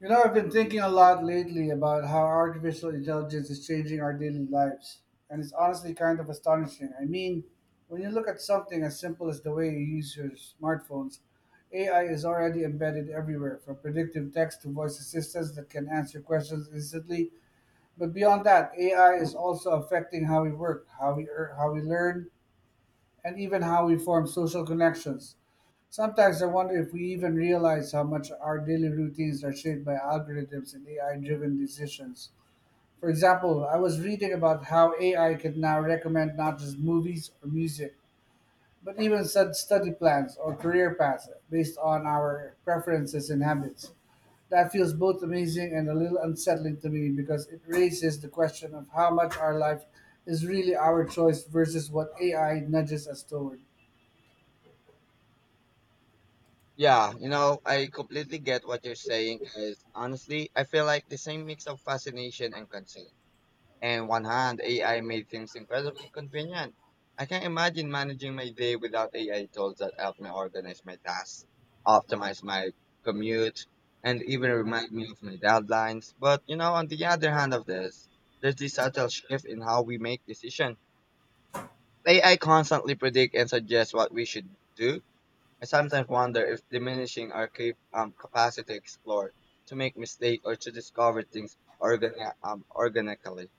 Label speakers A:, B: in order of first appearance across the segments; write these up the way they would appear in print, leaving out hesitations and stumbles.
A: You know, I've been thinking a lot lately about how artificial intelligence is changing our daily lives, and it's honestly kind of astonishing. I mean, when you look at something as simple as the way you use your smartphones, AI is already embedded everywhere, from predictive text to voice assistants that can answer questions instantly. But beyond that, AI is also affecting how we work, how we learn, and even how we form social connections. Sometimes I wonder if we even realize how much our daily routines are shaped by algorithms and AI driven decisions. For example, I was reading about how AI can now recommend not just movies or music, but even such study plans or career paths based on our preferences and habits. That feels both amazing and a little unsettling to me because it raises the question of how much our life is really our choice versus what AI nudges us toward.
B: Yeah, you know, I completely get what you're saying because honestly, I feel like the same mix of fascination and concern. And one hand, AI made things incredibly convenient. I can't imagine managing my day without AI tools that help me organize my tasks, optimize my commute, and even remind me of my deadlines. But you know, on the other hand of this, there's this subtle shift in how we make decisions. AI constantly predict and suggest what we should do. I sometimes wonder if diminishing our capacity to explore, to make mistakes, or to discover things organically.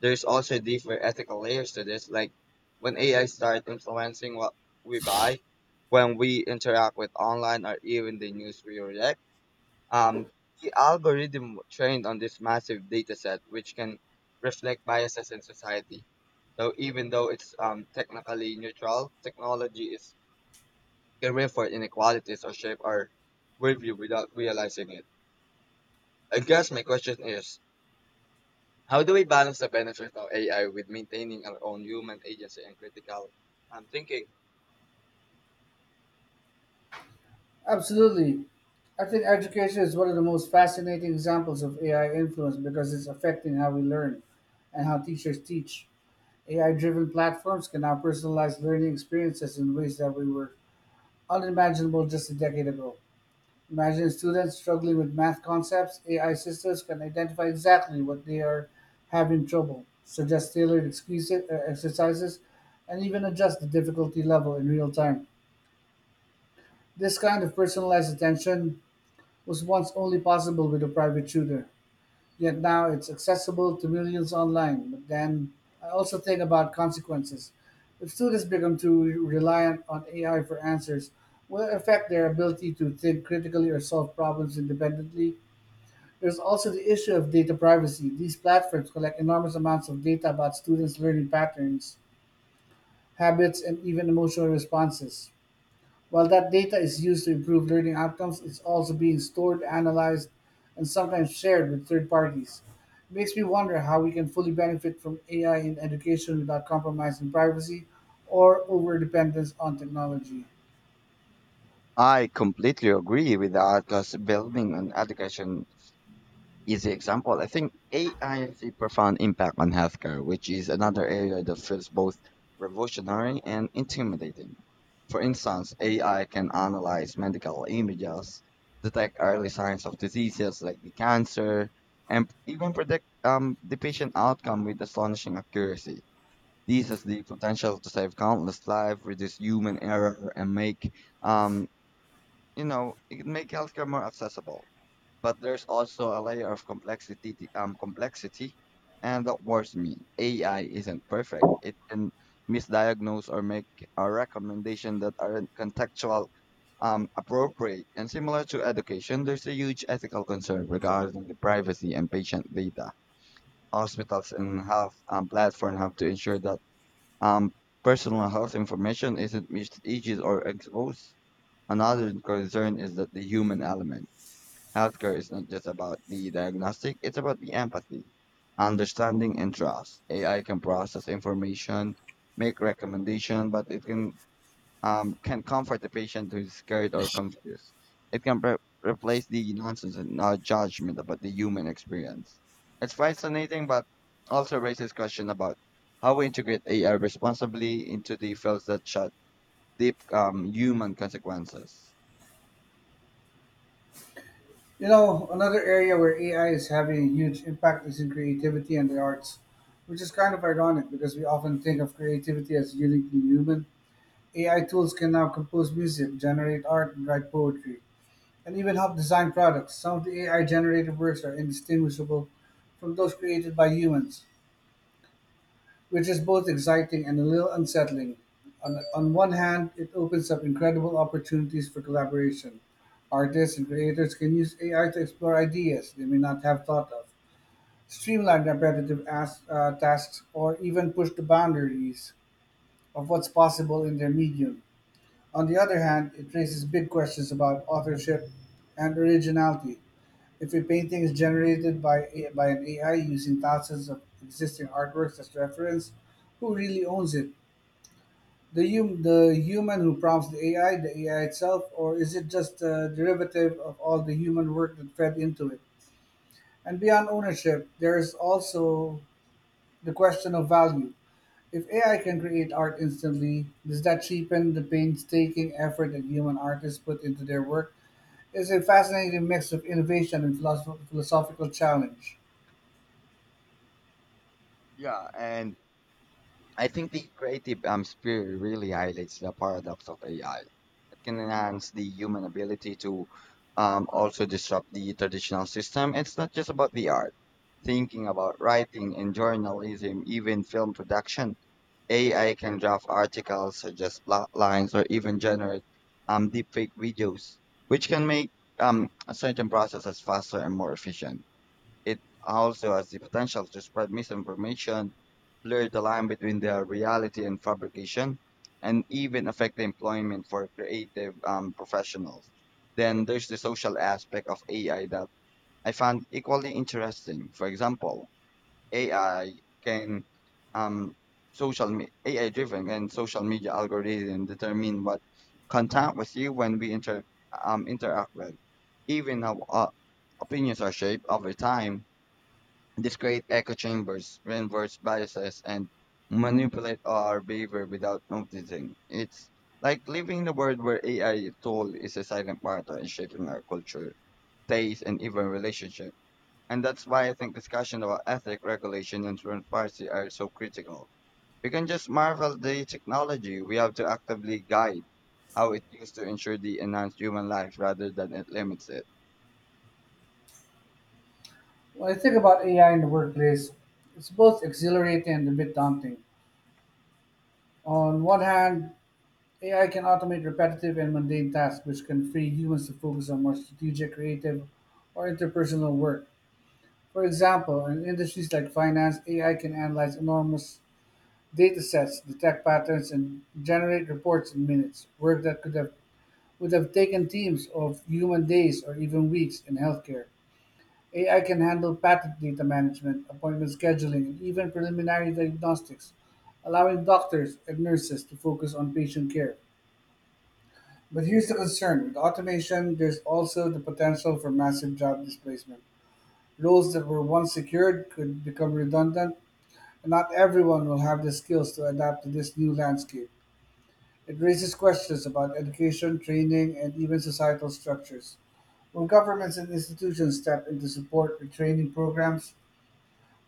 B: There's also deeper ethical layers to this, like when AI starts influencing what we buy, when we interact with online or even the news we react. Um, the algorithm trained on this massive data set, which can reflect biases in society. So even though it's technically neutral, technology is can reinforce inequalities or shape our worldview without realizing it. I guess my question is, how do we balance the benefits of AI with maintaining our own human agency and critical thinking?
A: Absolutely. I think education is one of the most fascinating examples of AI influence because it's affecting how we learn and how teachers teach. AI driven platforms can now personalize learning experiences in ways that we were unimaginable just a decade ago. Imagine students struggling with math concepts, AI systems can identify exactly what they are having trouble, suggest tailored exercises, and even adjust the difficulty level in real time. This kind of personalized attention was once only possible with a private tutor. Yet now it's accessible to millions online. But then I also think about consequences. If students become too reliant on AI for answers, will it affect their ability to think critically or solve problems independently? There's also the issue of data privacy. These platforms collect enormous amounts of data about students' learning patterns, habits, and even emotional responses. While that data is used to improve learning outcomes, it's also being stored, analyzed, and sometimes shared with third parties. It makes me wonder how we can fully benefit from AI in education without compromising privacy or over dependence on technology.
B: I completely agree with the Atlas building on education easy example. I think AI has a profound impact on healthcare, which is another area that feels both revolutionary and intimidating. For instance, AI can analyze medical images, detect early signs of diseases like the cancer, and even predict the patient outcome with astonishing accuracy. This has the potential to save countless lives, reduce human error, and make um, it make healthcare more accessible. But there's also a layer of complexity complexity, and that worries me. AI isn't perfect. It can misdiagnose or make a recommendation that aren't contextual appropriate, and similar to education, there's a huge ethical concern regarding the privacy and patient data. Hospitals and health platform have to ensure that um, personal health information isn't misused or exposed. Another concern is that the human element. Healthcare is not just about the diagnostic, it's about the empathy, understanding, and trust. AI can process information, make recommendation, but it can comfort the patient who is scared or confused. It can replace the nonsense and judgment about the human experience. It's fascinating, but also raises question about how we integrate AI responsibly into the fields that shut deep human consequences.
A: You know, another area where AI is having a huge impact is in creativity and the arts, which is kind of ironic because we often think of creativity as uniquely human. AI tools can now compose music, generate art, and write poetry and even help design products. Some of the AI generated works are indistinguishable from those created by humans, which is both exciting and a little unsettling. On one hand, it opens up incredible opportunities for collaboration. Artists and creators can use AI to explore ideas they may not have thought of, streamline repetitive tasks, or even push the boundaries of what's possible in their medium. On the other hand, it raises big questions about authorship and originality. If a painting is generated by by an AI using thousands of existing artworks as reference, who really owns it? The human who prompts the AI, the AI itself, or is it just a derivative of all the human work that fed into it? And beyond ownership, there is also the question of value. If AI can create art instantly, does that cheapen the painstaking effort that human artists put into their work? It's a fascinating mix of innovation and philosophical challenge.
B: Yeah, and I think the creative spirit really highlights the paradox of AI. It can enhance the human ability to also disrupt the traditional system. It's not just about the art. Thinking about writing and journalism, even film production, AI can draft articles, suggest plot lines, or even generate deepfake videos, which can make certain processes faster and more efficient. It also has the potential to spread misinformation, blur the line between the reality and fabrication, and even affect the employment for creative professionals. Then there's the social aspect of AI that I found equally interesting. For example, AI can um, AI driven and social media algorithm determine what contact with you when we interact with, even how opinions are shaped over time. These create echo chambers, reinforce biases, and manipulate our behavior without noticing. It's like living in a world where AI tool is a silent partner in shaping our culture, taste, and even relationship. And that's why I think discussion about ethic regulation and transparency are so critical. We can just marvel the technology. We have to actively guide how it used to ensure the enhanced human life rather than it limits it.
A: When I think about AI in the workplace, it's both exhilarating and a bit daunting. On one hand, AI can automate repetitive and mundane tasks, which can free humans to focus on more strategic, creative, or interpersonal work. For example, in industries like finance, AI can analyze enormous data sets, detect patterns, and generate reports in minutes, work that could have would have taken teams of human days or even weeks in healthcare. AI can handle patent data management, appointment scheduling, and even preliminary diagnostics, allowing doctors and nurses to focus on patient care. But here's the concern with automation, there's also the potential for massive job displacement. Roles that were once secured could become redundant, and not everyone will have the skills to adapt to this new landscape. It raises questions about education, training, and even societal structures. Will governments and institutions step in to support retraining programs?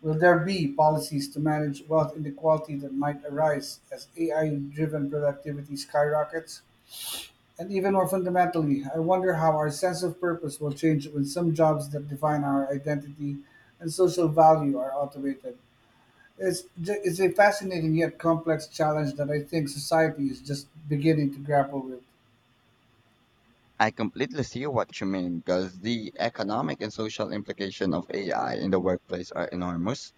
A: Will there be policies to manage wealth inequality that might arise as AI driven productivity skyrockets? And even more fundamentally, I wonder how our sense of purpose will change when some jobs that define our identity and social value are automated. It's a fascinating yet complex challenge that I think society is just beginning to grapple with.
B: I completely see what you mean because the economic and social implication of AI in the workplace are enormous.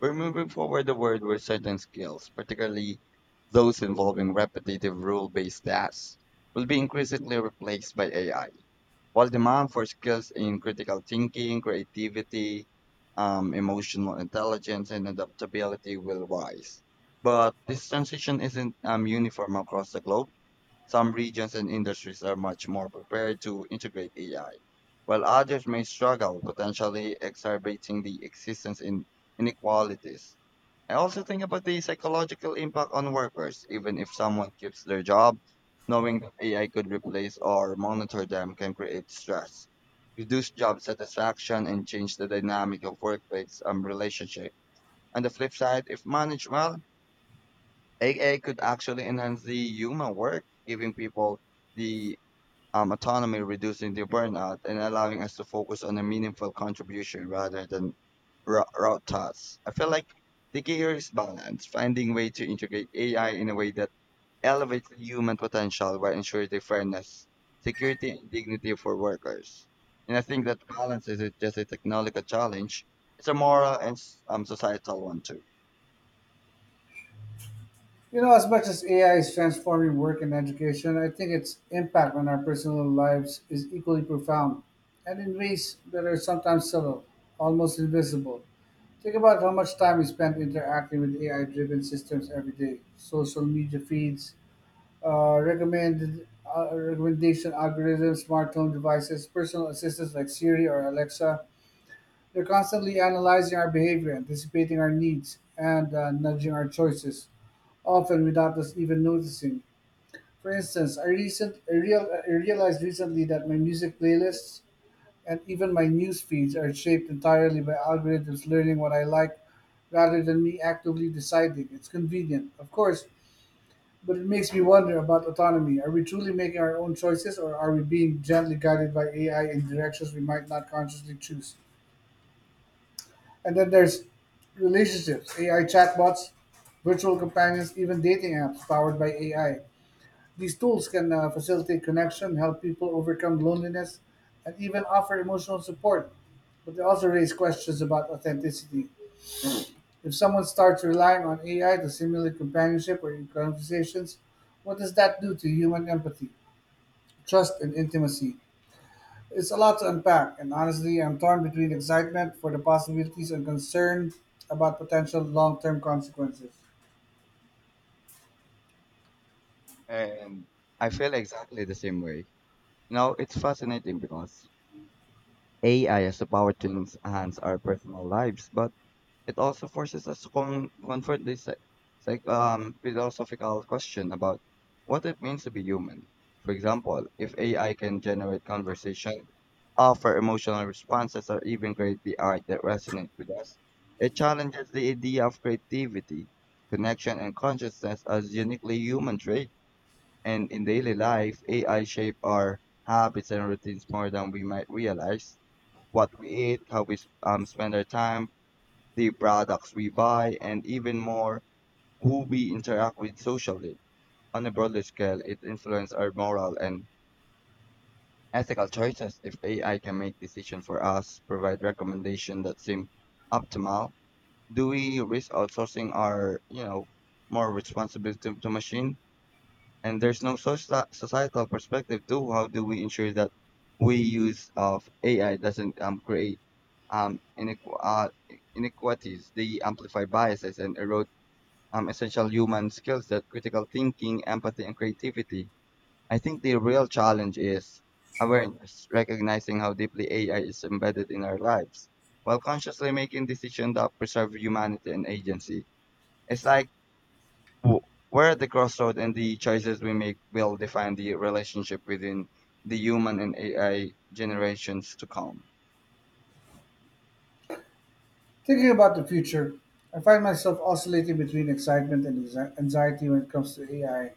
B: We're moving forward the world where certain skills, particularly those involving repetitive rule-based tasks, will be increasingly replaced by AI. While demand for skills in critical thinking, creativity, emotional intelligence, and adaptability will rise, but this transition isn't uniform across the globe. Some regions and industries are much more prepared to integrate AI, while others may struggle, potentially exacerbating the existence in inequalities. I also think about the psychological impact on workers. Even if someone keeps their job, knowing that AI could replace or monitor them can create stress, reduce job satisfaction, and change the dynamic of workplace and relationship. On the flip side, if managed well, AI could actually enhance the human work, giving people the autonomy, reducing the burnout, and allowing us to focus on a meaningful contribution rather than route tasks. I feel like the key here is balance, finding way to integrate AI in a way that elevates human potential while ensuring the fairness, security, and dignity for workers. And I think that balance isn't just a technological challenge; it's a moral and societal one too.
A: You know, as much as AI is transforming work and education, I think its impact on our personal lives is equally profound and in ways that are sometimes subtle, almost invisible. Think about how much time we spend interacting with AI driven systems every day social media feeds, recommendation algorithms, smartphone devices, personal assistants like Siri or Alexa. They're constantly analyzing our behavior, anticipating our needs, and nudging our choices, often without us even noticing. For instance, I realized recently that my music playlists and even my news feeds are shaped entirely by algorithms learning what I like rather than me actively deciding. It's convenient, of course, but it makes me wonder about autonomy. Are we truly making our own choices, or are we being gently guided by AI in directions we might not consciously choose? And then there's relationships, AI chatbots, virtual companions, even dating apps powered by AI. These tools can facilitate connection, help people overcome loneliness, and even offer emotional support. But they also raise questions about authenticity. If someone starts relying on AI to simulate companionship or in conversations, what does that do to human empathy, trust, and intimacy? It's a lot to unpack, and honestly, I'm torn between excitement for the possibilities and concern about potential long term consequences.
B: And I feel exactly the same way. You know, it's fascinating because AI has the power to enhance our personal lives, but it also forces us to confront this like philosophical question about what it means to be human. For example, if AI can generate conversation, offer emotional responses, or even create the art that resonates with us, it challenges the idea of creativity, connection, and consciousness as uniquely human traits. And in daily life, AI shape our habits and routines more than we might realize what we eat, how we spend our time, the products we buy, and even more, who we interact with socially. On a broader scale, it influences our moral and ethical choices. If AI can make decisions for us, provide recommendations that seem optimal, do we risk outsourcing our, you know, more responsibility to machine? And there's no societal perspective too. How do we ensure that we use of AI doesn't create um, inequ- uh, inequalities? They amplify biases and erode essential human skills that critical thinking, empathy, and creativity. I think the real challenge is awareness, recognizing how deeply AI is embedded in our lives, while consciously making decisions that preserve humanity and agency. It's like w- we're at the crossroad and the choices we make will define the relationship within the human and AI generations to come.
A: Thinking about the future, I find myself oscillating between excitement and anxiety when it comes to AI.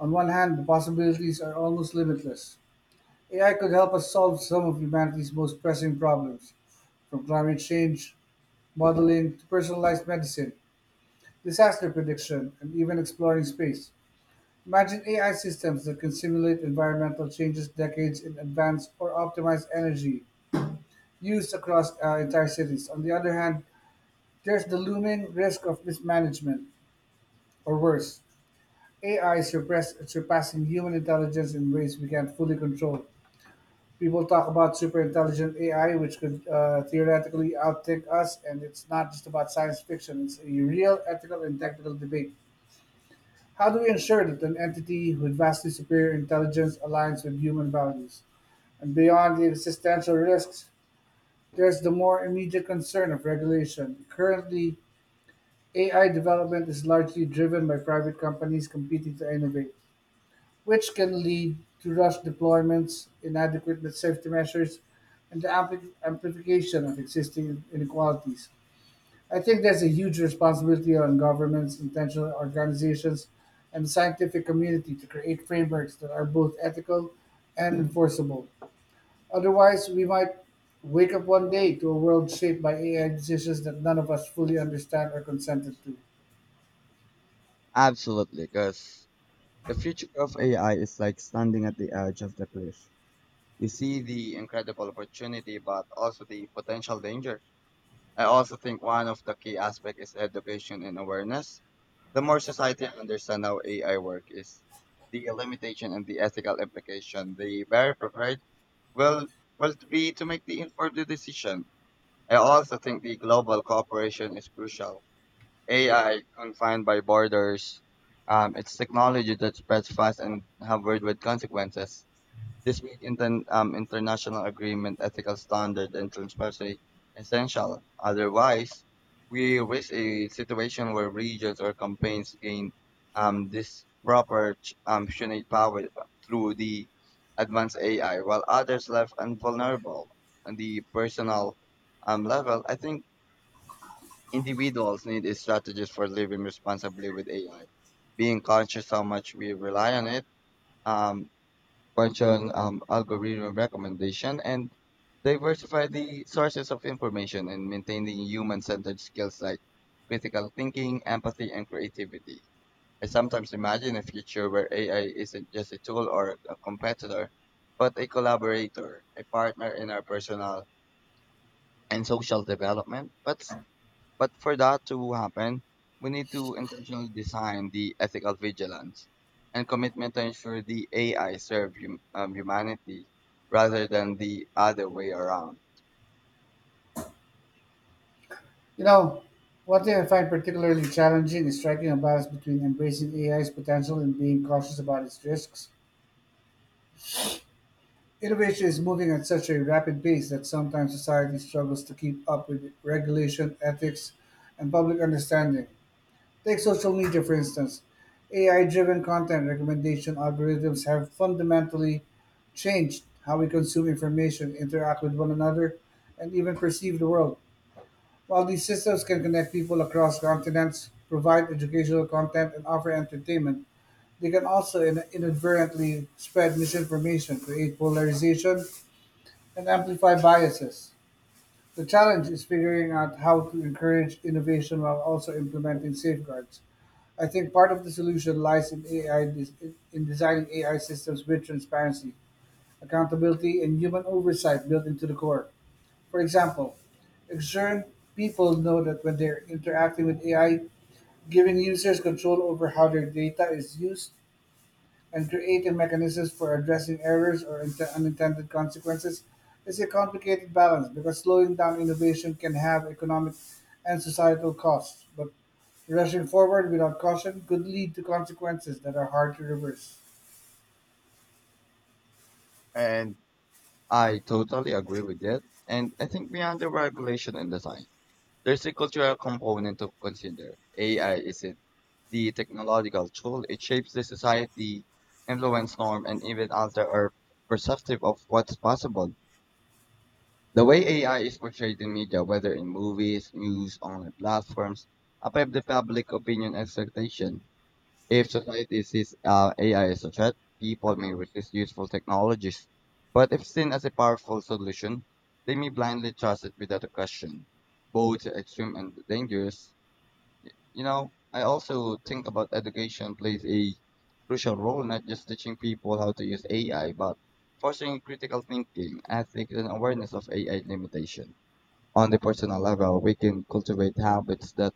A: On one hand, the possibilities are almost limitless. AI could help us solve some of humanity's most pressing problems, from climate change, modeling, to personalized medicine, disaster prediction, and even exploring space. Imagine AI systems that can simulate environmental changes decades in advance or optimize energy used across entire cities. On the other hand, there's the looming risk of mismanagement, or worse, AI surpassing human intelligence in ways we can't fully control. People talk about superintelligent AI, which could theoretically outthink us, and it's not just about science fiction, it's a real ethical and technical debate. How do we ensure that an entity with vastly superior intelligence aligns with human values? And beyond the existential risks, there's the more immediate concern of regulation. Currently, AI development is largely driven by private companies competing to innovate, which can lead to rushed deployments, inadequate safety measures, and the amplification of existing inequalities. I think there's a huge responsibility on governments, intentional organizations, and the scientific community to create frameworks that are both ethical and enforceable. Otherwise, we might wake up one day to a world shaped by AI decisions that none of us fully understand or consented to.
B: Absolutely, because the future of AI is like standing at the edge of the cliff. You see the incredible opportunity, but also the potential danger. I also think one of the key aspects is education and awareness. The more society understand how AI work is, the limitation and the ethical implication, the very prepared Well, well be to make the informed decision. I also think the global cooperation is crucial. AI confined by borders, it's technology that spreads fast and have worldwide consequences. This make international agreement, ethical standard, and transparency essential. Otherwise, we risk a situation where regions or campaigns gain this proper punitive power through the advanced AI, while others left invulnerable. On the personal level, I think individuals need a strategist for living responsibly with AI, being conscious how much we rely on it. Um, Question algorithm recommendation and diversify the sources of information and maintaining human-centered skills like critical thinking, empathy, and creativity. I sometimes imagine a future where AI isn't just a tool or a competitor, but a collaborator, a partner in our personal and social development. But for that to happen, we need to intentionally design the ethical vigilance and commitment to ensure the AI serve humanity rather than the other way around.
A: You know, one thing I find particularly challenging is striking a balance between embracing AI's potential and being cautious about its risks. Innovation is moving at such a rapid pace that sometimes society struggles to keep up with regulation, ethics, and public understanding. Take social media, for instance. AI driven content recommendation algorithms have fundamentally changed how we consume information, interact with one another, and even perceive the world. While these systems can connect people across continents, provide educational content, and offer entertainment, they can also inadvertently spread misinformation, create polarization, and amplify biases. The challenge is figuring out how to encourage innovation while also implementing safeguards. I think part of the solution lies in in designing AI systems with transparency, accountability, and human oversight built into the core. For example, ensuring people know that when they're interacting with AI, giving users control over how their data is used, and creating mechanisms for addressing errors or unintended consequences is a complicated balance because slowing down innovation can have economic and societal costs, but rushing forward without caution could lead to consequences that are hard to reverse.
B: And I totally agree with it. And I think beyond the regulation and design, there's a cultural component to consider. AI isn't the technological tool, it shapes the society, influence norm, and even alter our perceptive of what's possible. The way AI is portrayed in media, whether in movies, news, online platforms, affect the public opinion expectation. If society sees AI as a threat, people may resist useful technologies. But if seen as a powerful solution, they may blindly trust it without a question. Both extreme and dangerous. You know, I also think about education plays a crucial role, not just teaching people how to use AI, but fostering critical thinking, ethics, and awareness of AI limitation. On the personal level, we can cultivate habits that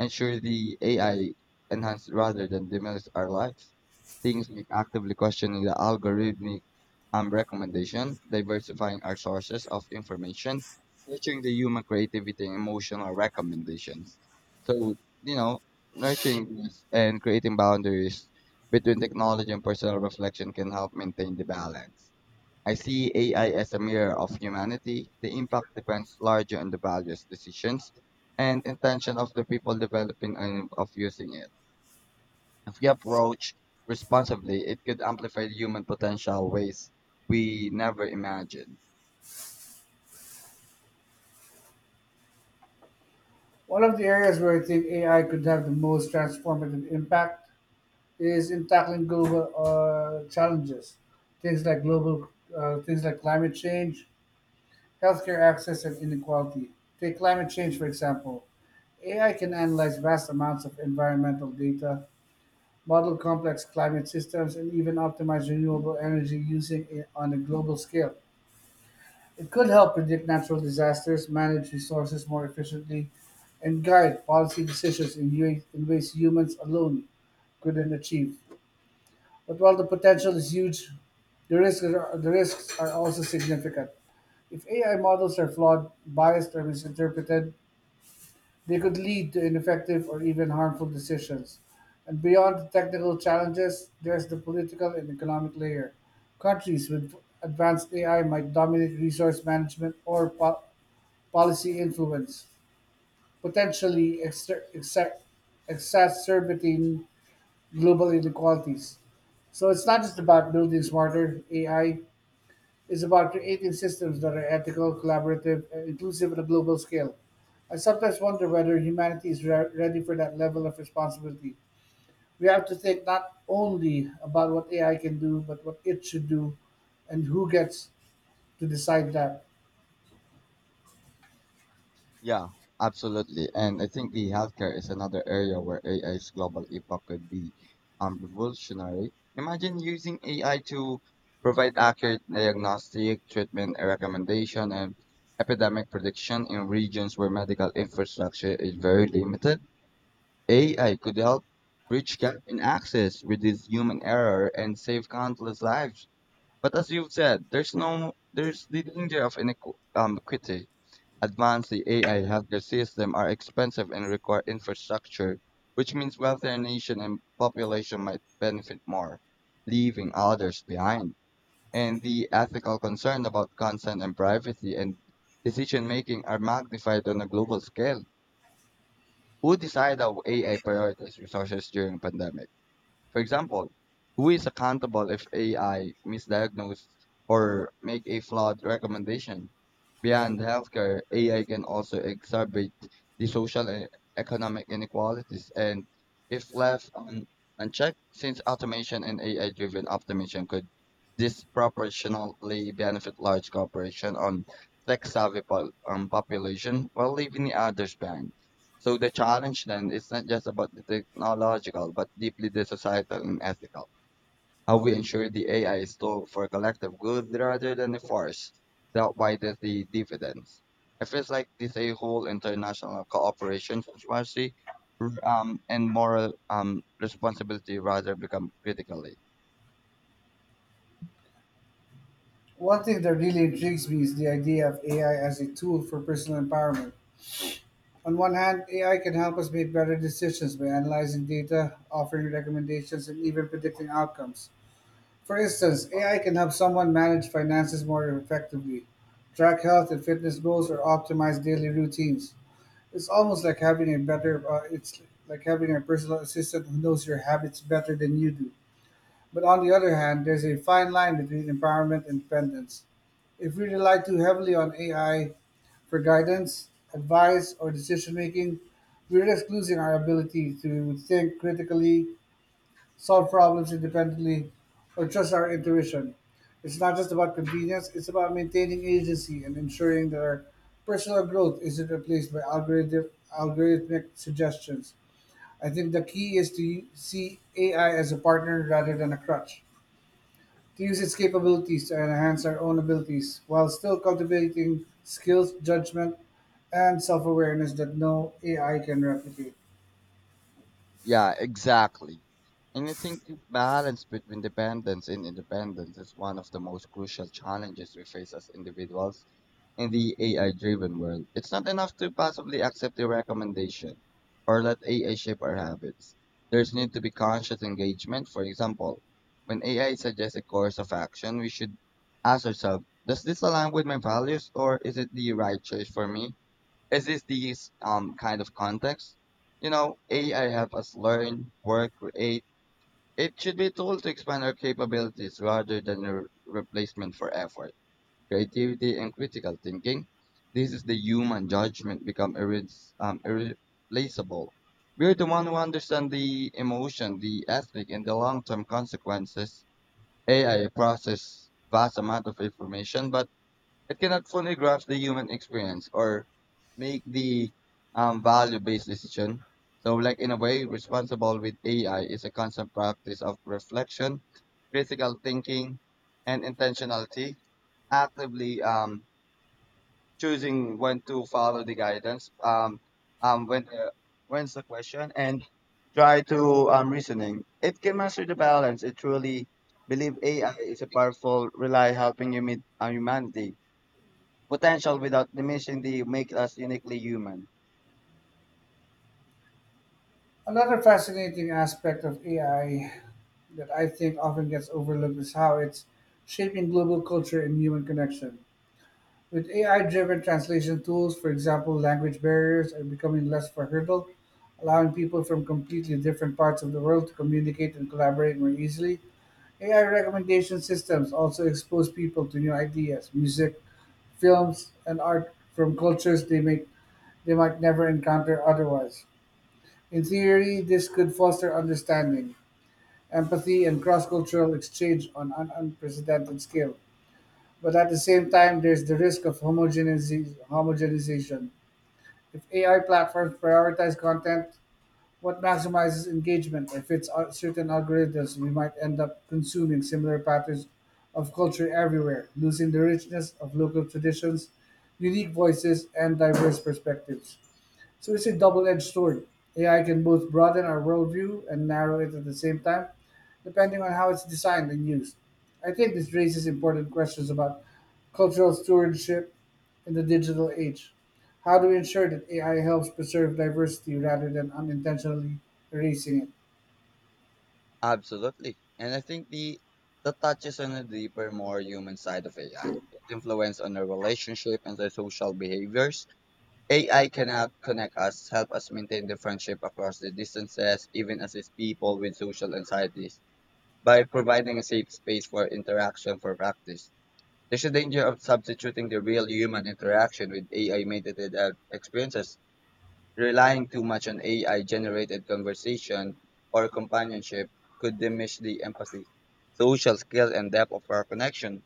B: ensure the AI enhance rather than diminish our lives. Things like actively questioning the algorithmic recommendation, diversifying our sources of information, nurturing the human creativity and emotional recommendations. So, you know, nurturing this and creating boundaries between technology and personal reflection can help maintain the balance. I see AI as a mirror of humanity. The impact depends largely on the values, decisions, and intention of the people developing and of using it. If we approach responsibly, it could amplify human potential ways we never imagined.
A: One of the areas where I think AI could have the most transformative impact is in tackling global challenges, things like global things like climate change, healthcare access, and inequality. Take climate change, for example. AI can analyze vast amounts of environmental data, model complex climate systems, and even optimize renewable energy using it on a global scale. It could help predict natural disasters, manage resources more efficiently, and guide policy decisions in in ways humans alone couldn't achieve. But while the potential is huge, the risks are also significant. If AI models are flawed, biased, or misinterpreted, they could lead to ineffective or even harmful decisions. And beyond the technical challenges, there's the political and economic layer. Countries with advanced AI might dominate resource management or policy influence, potentially exacerbating global inequalities. So it's not just about building smarter AI, it's about creating systems that are ethical, collaborative, and inclusive on a global scale. I sometimes wonder whether humanity is ready for that level of responsibility. We have to think not only about what AI can do, but what it should do and who gets to decide that.
B: Yeah, absolutely. And I think the healthcare is another area where AI's global impact could be revolutionary. Imagine using AI to provide accurate diagnostic, treatment recommendation, and epidemic prediction in regions where medical infrastructure is very limited. AI could help bridge gap in access, reduce human error, and save countless lives. But as you've said, there's no there's the danger of inequity. Equity. Advanced AI healthcare systems are expensive and require infrastructure, which means wealthier nation and population might benefit more, leaving others behind. And the ethical concern about consent and privacy and decision making are magnified on a global scale. Who decide how AI prioritizes resources during pandemic? For example, who is accountable if AI misdiagnose or make a flawed recommendation? Beyond healthcare, AI can also exacerbate the social and economic inequalities, and if left unchecked, since automation and AI-driven optimization could disproportionately benefit large corporations on population while leaving the others behind. So the challenge then is not just about the technological, but deeply the societal and ethical. How we ensure the AI is tool for collective good rather than a force that widens the dividends. It feels like this a whole international cooperation strategy and moral responsibility rather become critically.
A: One thing that really intrigues me is the idea of AI as a tool for personal empowerment. On one hand, AI can help us make better decisions by analyzing data, offering recommendations, and even predicting outcomes. For instance, AI can help someone manage finances more effectively, track health and fitness goals, or optimize daily routines. It's like having a personal assistant who knows your habits better than you do. But on the other hand, there's a fine line between empowerment and dependence. If we rely too heavily on AI for guidance, advice, or decision making, we risk losing our ability to think critically, solve problems independently, or trust our intuition. It's not just about convenience, it's about maintaining agency and ensuring that our personal growth isn't replaced by algorithmic suggestions. I think the key is to see AI as a partner rather than a crutch to use its capabilities to enhance our own abilities while still cultivating skills, judgment, and self awareness that no AI can replicate.
B: Yeah, exactly. And I think the balance between dependence and independence is one of the most crucial challenges we face as individuals. In the AI driven world, it's not enough to passively accept a recommendation or let AI shape our habits. There's need to be conscious engagement. For example, when AI suggests a course of action, we should ask ourselves, does this align with my values, or is it the right choice for me? Is this the kind of context? AI help us learn, work, create. It should be a tool to expand our capabilities rather than a replacement for effort, creativity, and critical thinking. This is the human judgment become irreplaceable. We're the one who understand the emotion, the ethic, and the long-term consequences. AI process vast amount of information, but it cannot fully grasp the human experience or make the value-based decision. So, like in a way, responsible with AI is a constant practice of reflection, critical thinking, and intentionality, actively choosing when to follow the guidance, when when's the question, and try to reasoning. It can master the balance. It truly believe AI is a powerful rely helping you meet humanity potential without diminishing the make us uniquely human.
A: Another fascinating aspect of AI that I think often gets overlooked is how it's shaping global culture and human connection. With AI driven translation tools, for example, language barriers are becoming less of a hurdle, allowing people from completely different parts of the world to communicate and collaborate more easily. AI recommendation systems also expose people to new ideas, music, films, and art from cultures they might never encounter otherwise. In theory, this could foster understanding, empathy, and cross cultural exchange on an unprecedented scale. But at the same time, there's the risk of homogenization. If AI platforms prioritize content, what maximizes engagement or fits out certain algorithms, we might end up consuming similar patterns of culture everywhere, losing the richness of local traditions, unique voices, and diverse perspectives. So it's a double-edged sword. AI can both broaden our worldview and narrow it at the same time, depending on how it's designed and used. I think this raises important questions about cultural stewardship in the digital age. How do we ensure that AI helps preserve diversity rather than unintentionally erasing it?
B: Absolutely. And I think the that touches on a deeper, more human side of AI. Its influence on our relationship and the social behaviors. AI cannot connect us, help us maintain the friendship across the distances, even assist people with social anxieties, by providing a safe space for interaction for practice. There's a danger of substituting the real human interaction with AI mediated experiences. Relying too much on AI generated conversation or companionship could diminish the empathy, social skills, and depth of our connection.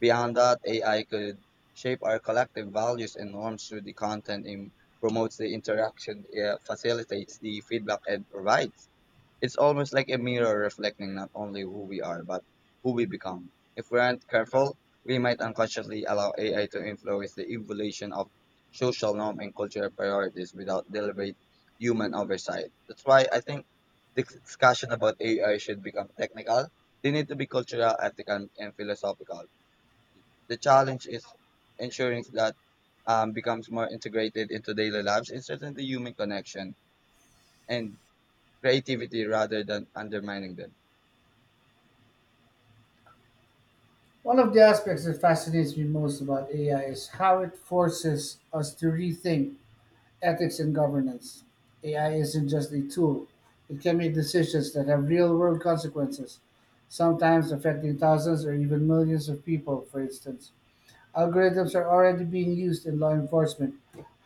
B: Beyond that, AI could shape our collective values and norms through the content and promotes the interaction, facilitates the feedback, and provides. It's almost like a mirror reflecting not only who we are, but who we become. If we aren't careful, we might unconsciously allow AI to influence the evolution of social norm and cultural priorities without deliberate human oversight. That's why I think the discussion about AI should become technical. They need to be cultural, ethical, and philosophical. The challenge is ensuring that becomes more integrated into daily lives and certainly human connection and creativity rather than undermining them.
A: One of the aspects that fascinates me most about AI is how it forces us to rethink ethics and governance. AI isn't just a tool, it can make decisions that have real world consequences, sometimes affecting thousands or even millions of people, for instance. Algorithms are already being used in law enforcement,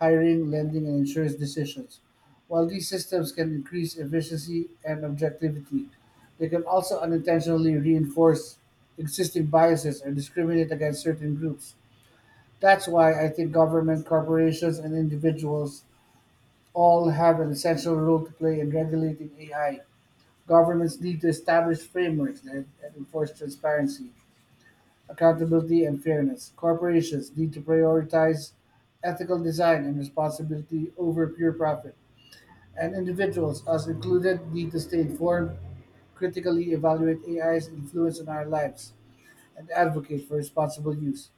A: hiring, lending, and insurance decisions. While these systems can increase efficiency and objectivity, they can also unintentionally reinforce existing biases or discriminate against certain groups. That's why I think government, corporations, and individuals all have an essential role to play in regulating AI. Governments need to establish frameworks that enforce transparency, accountability, and fairness. Corporations need to prioritize ethical design and responsibility over pure profit. And individuals, us included, need to stay informed, critically evaluate AI's influence on our lives, and advocate for responsible use.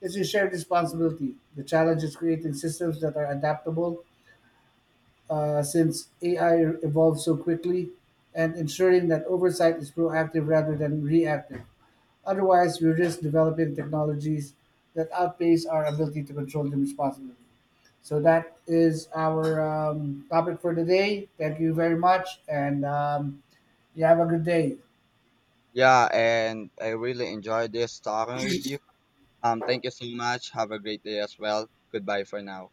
A: It's a shared responsibility. The challenge is creating systems that are adaptable, since AI evolves so quickly, and ensuring that oversight is proactive rather than reactive. Otherwise, we risk developing technologies that outpace our ability to control them responsibly. So that is our topic for today. Thank you very much, and you have a good day.
B: Yeah, and I really enjoyed this talking with you. Thank you so much. Have a great day as well. Goodbye for now.